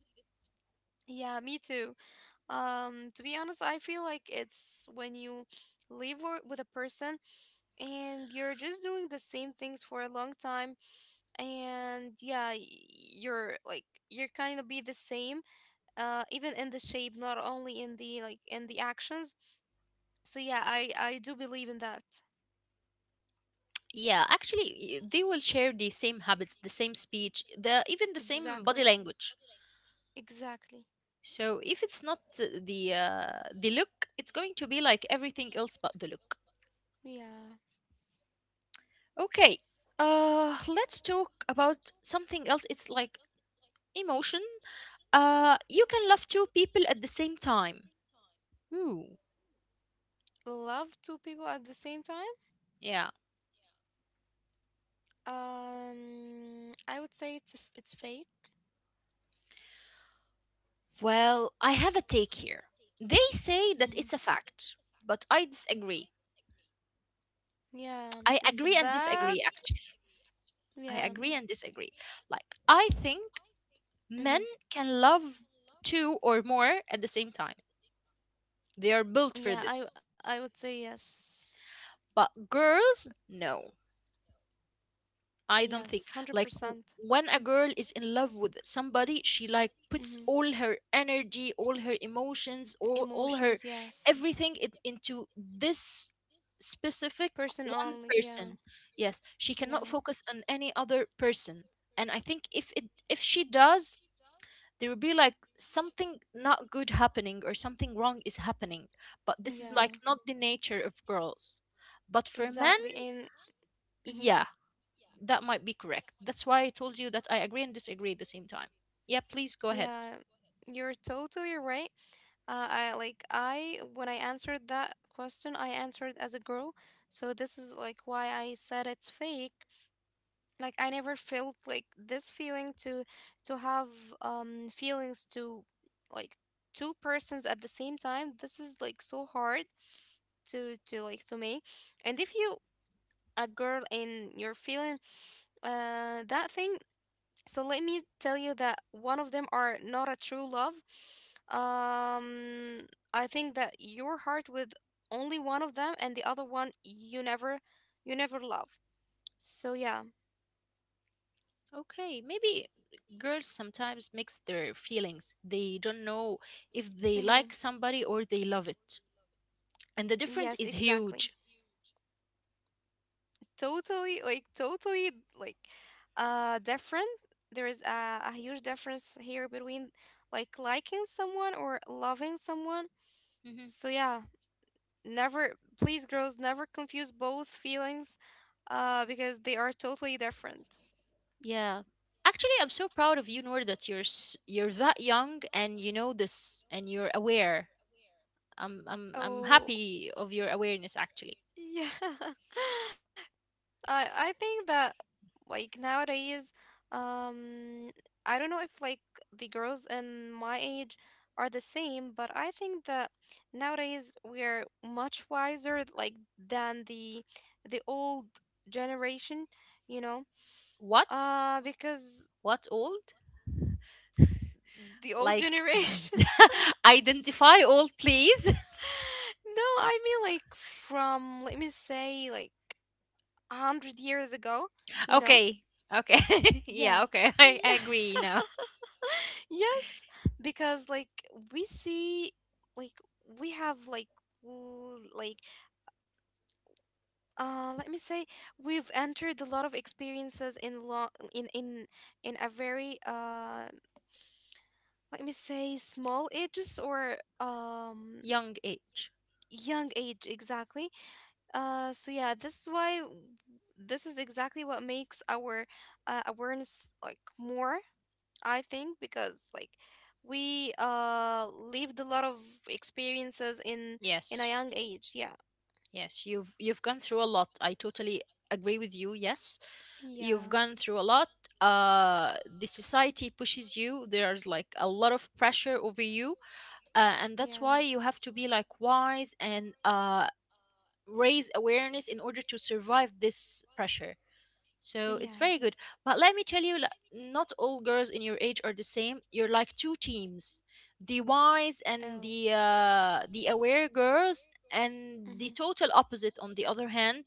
B: Yeah, me too. To be honest, I feel like it's when you live with a person and you're just doing the same things for a long time, and yeah, you're like you're kind of be the same even in the shape, not only in the like in the actions. So yeah, I do believe in that.
A: Yeah, actually, they will share the same habits, the same speech, the even the same body
B: Exactly.
A: language.
B: Exactly.
A: So if it's not the, the look, it's going to be like everything else but the look.
B: Yeah.
A: Okay. Uh, let's talk about something else. It's like emotion. Uh, you can love two people at the same time. Ooh.
B: Love two people at the same time?
A: Yeah.
B: I would say it's a f it's fate.
A: Well, I have a take here. They say that it's
B: Mm-hmm.
A: a fact, but I disagree.
B: Yeah,
A: I
B: it's a
A: agree and
B: bad.
A: disagree actually. I
B: Yeah.
A: agree and disagree. Like, I think men
B: Mm-hmm.
A: can love two or more at the same time. They are built for
B: Yeah,
A: this.
B: I would say yes.
A: But girls, no. I don't
B: Yes,
A: think like
B: 100%.
A: when a girl is in love with somebody, she like puts
B: Mm-hmm.
A: all her energy, all her emotions, all her
B: Emotions, yes.
A: everything it, into this specific
B: Person
A: one
B: only, yeah.
A: person. Yes, she
B: Yeah.
A: cannot focus on any other person. And I think if it if she does, there will be like something not good happening, or something wrong is happening. But this is like
B: Yeah.
A: not the nature of girls. But for men,
B: Exactly. And mhm.
A: yeah, that might be correct. That's why I told you that I agree and disagree at the same time. Yeah, please go ahead.
B: Yeah, you're totally right. I when I answered that question, I answered as a girl. So this is like why I said it's fake. Like I never felt like this feeling to have feelings to like two persons at the same time. This is like so hard to like to me. And if you a girl and you're feeling that thing, so let me tell you that one of them are not a true love. Um, I think that your heart with only one of them, and the other one you never love. So yeah.
A: Okay, maybe girls sometimes mix their feelings. They don't know if they
B: Mm-hmm.
A: like somebody or they love it. And the difference
B: Yes,
A: is
B: exactly.
A: huge.
B: Totally, like, different. There is a huge difference here between like liking someone or loving someone.
A: Hmm
B: So yeah. Never, please, girls, never confuse both feelings because they are totally different.
A: Yeah. Actually, I'm so proud of you, Noor, that you're that young and you know this and you're aware. I'm
B: Oh,
A: happy of your awareness actually.
B: yeah. I think that like nowadays, um, I don't know if like the girls in my age are the same, but I think that nowadays we are much wiser like than the old generation, you know,
A: What?
B: because
A: What old?
B: the old
A: Like,
B: generation.
A: identify old please.
B: No, I mean like from let me say like 100 years ago, you know?
A: Okay. Okay.
B: Yeah.
A: Yeah, okay. I
B: Yeah.
A: agree now.
B: Yes. Because like we see like we have like l- like let me say we've entered a lot of experiences in long in in in a very let me say small ages or
A: Young age.
B: young age exactly. So yeah, this is why this is exactly what makes our awareness like more, I think, because we lived a lot of experiences in a
A: Yes.
B: young age. Yeah.
A: Yes, you've gone through a lot. I totally agree with you. Yes.
B: Yeah.
A: You've gone through a lot. Uh, the society pushes you. There's like a lot of pressure over you. And that's
B: Yeah.
A: why you have to be like wise and raise awareness in order to survive this pressure. So it's
B: Yeah.
A: very good. But let me tell you, like, not all girls in your age are the same. You're like two teams: the wise and
B: Oh.
A: the aware girls, and
B: Mm-hmm.
A: the total opposite. On the other hand,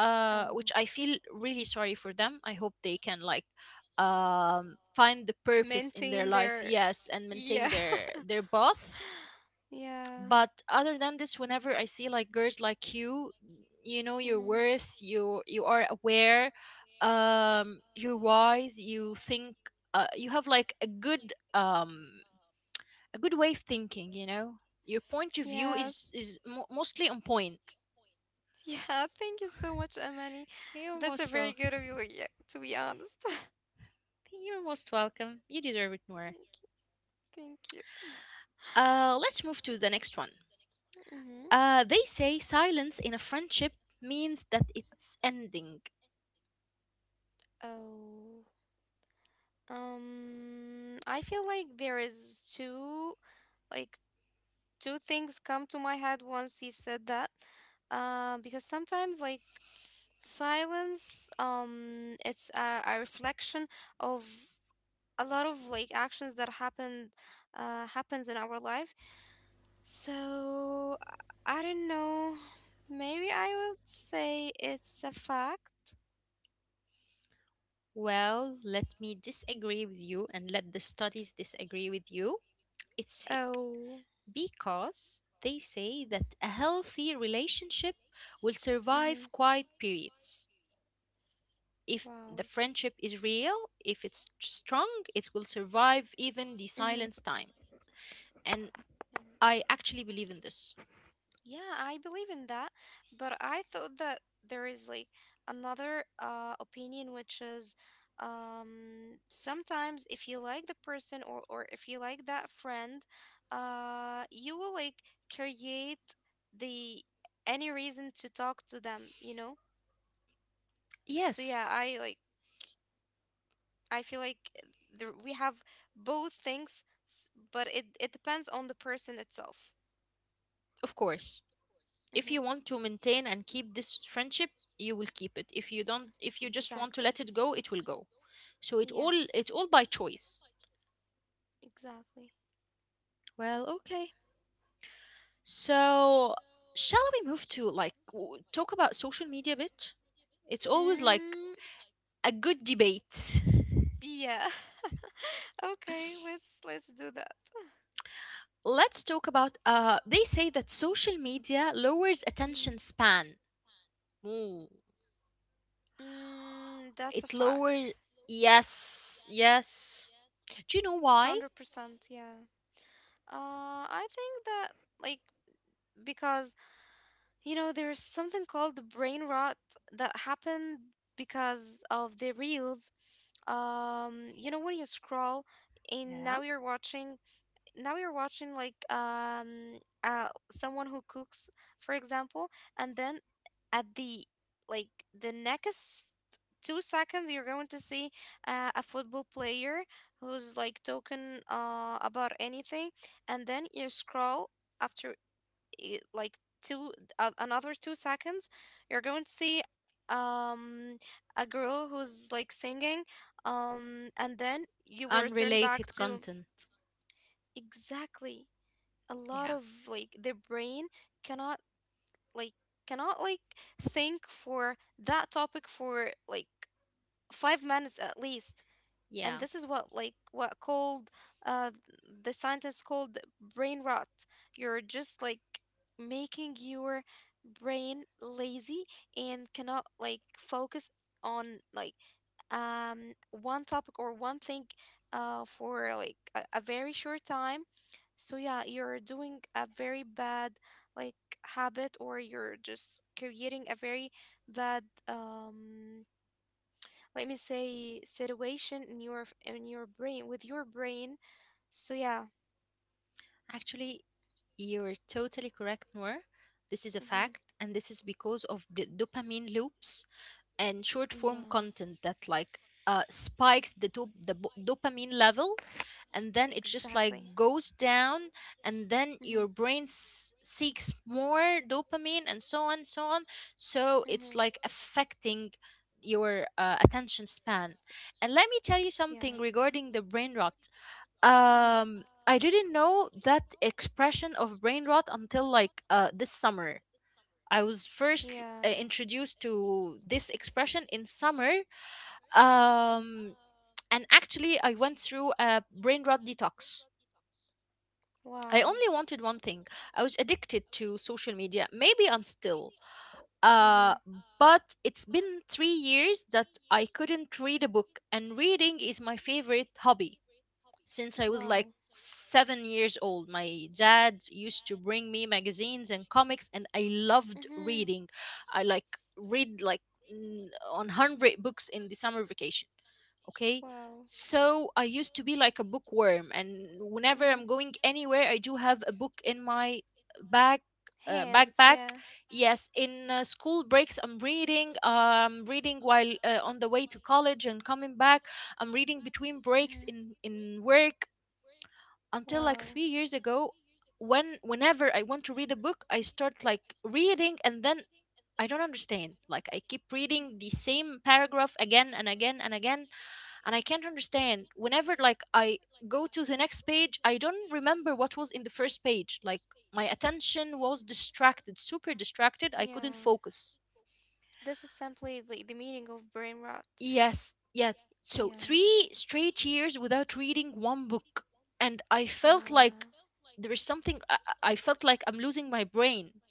B: Oh.
A: which I feel really sorry for them. I hope they can like find the purpose in their
B: Maintain
A: life,
B: their,
A: yes, and
B: yeah,
A: maintain their path.
B: yeah,
A: But other than this, whenever I see like girls like you know your
B: hmm,
A: worth, you are aware, you're wise, you think, you have like a good way of thinking, you know. Your point of view
B: yeah,
A: is mostly on point.
B: yeah, thank you so much, Amani.
A: You're
B: That's a
A: most
B: very
A: welcome.
B: good of you, like, yeah, to be honest.
A: You're most welcome. You deserve it more.
B: thank you. Thank you.
A: Uh, let's move to the next one.
B: hmm.
A: Uh, they say silence in a friendship means that it's ending.
B: Oh, I feel like there is like two things come to my head once he said that. Because sometimes like silence, it's a reflection of a lot of like actions that happens in our life. So I don't know. Maybe I would say it's a fact.
A: Well, let me disagree with you, and let the studies disagree with you. It's fake,
B: Oh.
A: because they say that a healthy relationship will
B: Mm-hmm.
A: survive quiet periods. If
B: Wow.
A: the friendship is real, if it's strong, it will survive even the
B: Mm-hmm.
A: silence time. And I actually believe in this.
B: Yeah, I believe in that, but I thought that there is like another opinion, which is, sometimes if you like the person or if you like that friend, you will like create the any reason to talk to them. So yeah,
A: Yes,
B: I like I feel like there, we have both things, but it depends on the person itself.
A: of course. If
B: Mm-hmm.
A: you want to maintain and keep this friendship, you will keep it. If you don't, if you just want to
B: Exactly.
A: let it go, it will go. So it all, it's
B: Yes.
A: all by choice.
B: Exactly.
A: Well, okay, so shall we move to like talk about social media a bit? It's always like
B: Mm,
A: a good debate.
B: yeah. Okay, let's do that.
A: Let's talk about, they say that social media lowers
B: Mhm.
A: attention span. Ooh,
B: Mm, that's a
A: it
B: fact.
A: lowers, yes, yes, do you know why?
B: 100%, yeah. I think that, like, because, you know, there's something called brain rot that happened because of the reels. You know, when you scroll and
A: Yeah,
B: now you're watching like someone who cooks, for example, and then at the like the next 2 seconds you're going to see a football player who's like talking about anything. And then you scroll after i- like two 2 seconds you're going to see a girl who's like singing. And then you were turned back
A: unrelated
B: to
A: content,
B: exactly a lot
A: yeah.
B: of like their brain cannot like cannot like think for that topic for like 5 minutes at least. And
A: Yeah,
B: this is what like what called uh the scientists called brain rot. You're just like making your brain lazy and cannot like focus on like one topic or one thing for like a very short time. So yeah, you're doing a very bad like habit, or you're just creating a very bad, let me say, situation in your in your brain with your brain. So yeah.
A: actually, you're totally correct, Noor. This is a
B: Mm-hmm.
A: fact, and this is because of the dopamine loops and short
B: Yeah,
A: form content that like spikes the dopamine levels, and then it just
B: exactly.
A: like goes down, and then
B: Mm-hmm.
A: your brain seeks more dopamine, and so on, so on. So it's
B: Mm-hmm.
A: like affecting your attention span. And let me tell you
B: Yeah.
A: something regarding the brain rot.
B: Mm-hmm.
A: I didn't know that expression of brain rot until like this summer. I was first
B: Yeah.
A: introduced to this expression in summer. Um, and actually, I went through a brain rot detox. I
B: Wow.
A: only wanted one thing. I was addicted to social media. Maybe I'm still. Uh,
B: Mm-hmm.
A: but it's been 3 years that I couldn't read a book, and reading is my favorite hobby. Since I was like
B: Wow.
A: 7 years old, my dad used to bring me magazines and comics, and I loved
B: Mm-hmm.
A: reading. I like read like on 100 books in the summer vacation. Okay.
B: Wow.
A: So I used to be like a bookworm, and whenever
B: Mm-hmm.
A: I'm going anywhere, I do have a book in my bag,
B: Hand,
A: backpack.
B: yeah.
A: Yes, in school breaks, I'm reading. Reading while on the way to college and coming back, I'm reading between
B: Mm-hmm.
A: breaks in work until like
B: Wow.
A: 3 years ago, when whenever I want to read a book, I start like reading, and then I don't understand. Like, I keep reading the same paragraph again and again and again, and I can't understand. Whenever like I go to the next page, I don't remember what was in the first page. Like, my attention was distracted, super distracted, I couldn't
B: Yeah.
A: focus.
B: This is simply the meaning of brain rot.
A: Yes, yes. So
B: Yeah.
A: three straight years without reading one book, and I felt like
B: Yeah.
A: there is something. I felt like I'm losing my brain,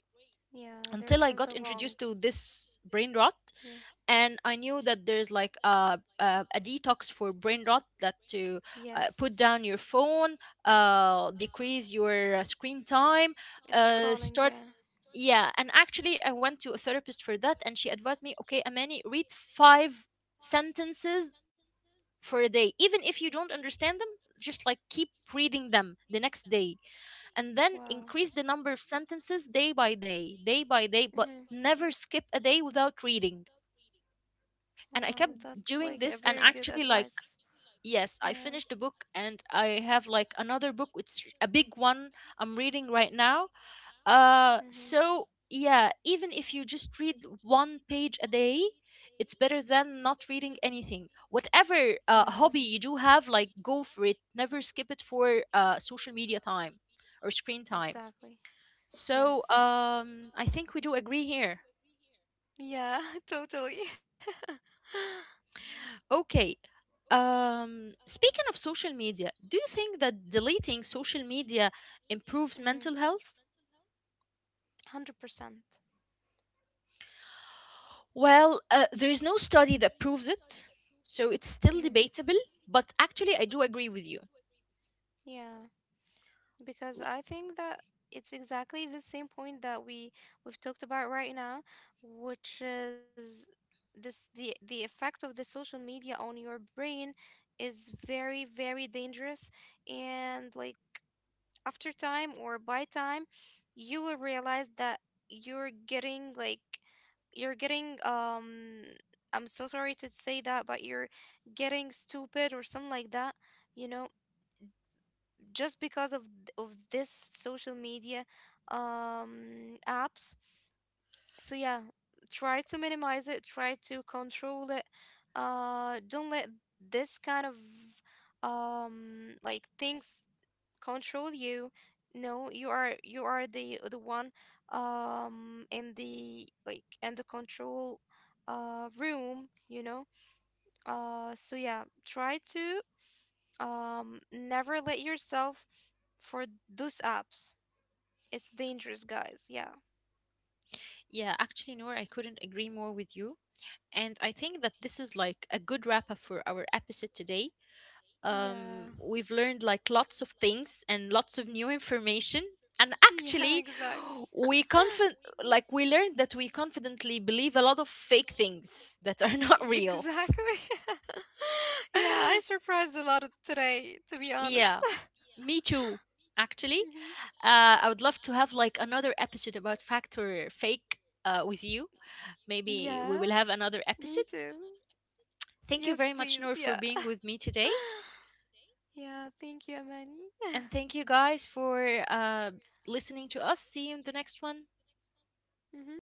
B: Yeah,
A: until
B: there's
A: I got
B: something
A: introduced
B: wrong.
A: to this brain rot,
B: Yeah.
A: and I knew that there's like a, a detox for brain rot, that to put down
B: Yes.
A: your phone, decrease your screen time,
B: Scrolling,
A: start,
B: yeah.
A: yeah, and actually, I went to a therapist for that, and she advised me, okay, Amani, read 5 sentences for a day, even if you don't understand them. Just like keep reading them the next day, and then
B: Wow.
A: increase the number of sentences day by day, day by day, but
B: Mm-hmm.
A: never skip a day without reading. And I
B: Wow,
A: kept
B: that's
A: doing
B: like a
A: this, and
B: very good
A: actually like,
B: advice.
A: yes, I
B: Yeah.
A: finished the book, and I have like another book. It's a big one, I'm reading right now. Uh,
B: Mm-hmm.
A: so yeah, even if you just read one page a day, it's better than not reading anything. Whatever
B: Yeah,
A: hobby you do have, like, go for it. Never skip it for social media time or screen time.
B: exactly.
A: So
B: Yes.
A: I think we do agree here.
B: Yeah, totally.
A: Okay. Speaking of social media, do you think that deleting social media improves
B: Mm-hmm.
A: mental health?
B: 100%.
A: Well, there is no study that proves it, so it's still
B: Mm-hmm.
A: debatable. But actually, I do agree with you.
B: Yeah, because I think that it's exactly the same point that we've talked about right now, which is this the effect of the social media on your brain is very, very dangerous. And like after time or by time, you will realize that you're getting like you're getting, I'm so sorry to say that, but you're getting stupid or something like that. You know, just because of of this social media apps. So yeah, try to minimize it, try to control it. Don't let this kind of, like, things control you. No, you are the one, in the like in the control room, you know. So yeah, try to, never let yourself for those apps. It's dangerous, guys. Yeah.
A: Yeah, actually, Noor, I couldn't agree more with you. And I think that this is like a good wrap up for our episode today. Um,
B: Yeah.
A: we've learned like lots of things and lots of new information, and
B: Yeah,
A: actually
B: exactly.
A: we confident, like, we learned that we confidently believe a lot of fake things that are not real.
B: Exactly. yeah, I surprised a lot of today, to be honest.
A: Yeah, me too, actually.
B: Mhm.
A: Uh, I would love to have like another episode about fact or fake with you. Maybe we
B: Yeah,
A: will have another
B: me
A: episode.
B: too. Yes,
A: Thank you very
B: please.
A: much,
B: Yeah.
A: Noor, for being with me today.
B: Yeah, thank you, Amani.
A: And thank you guys for listening to us. See you in the next one.
B: hmm.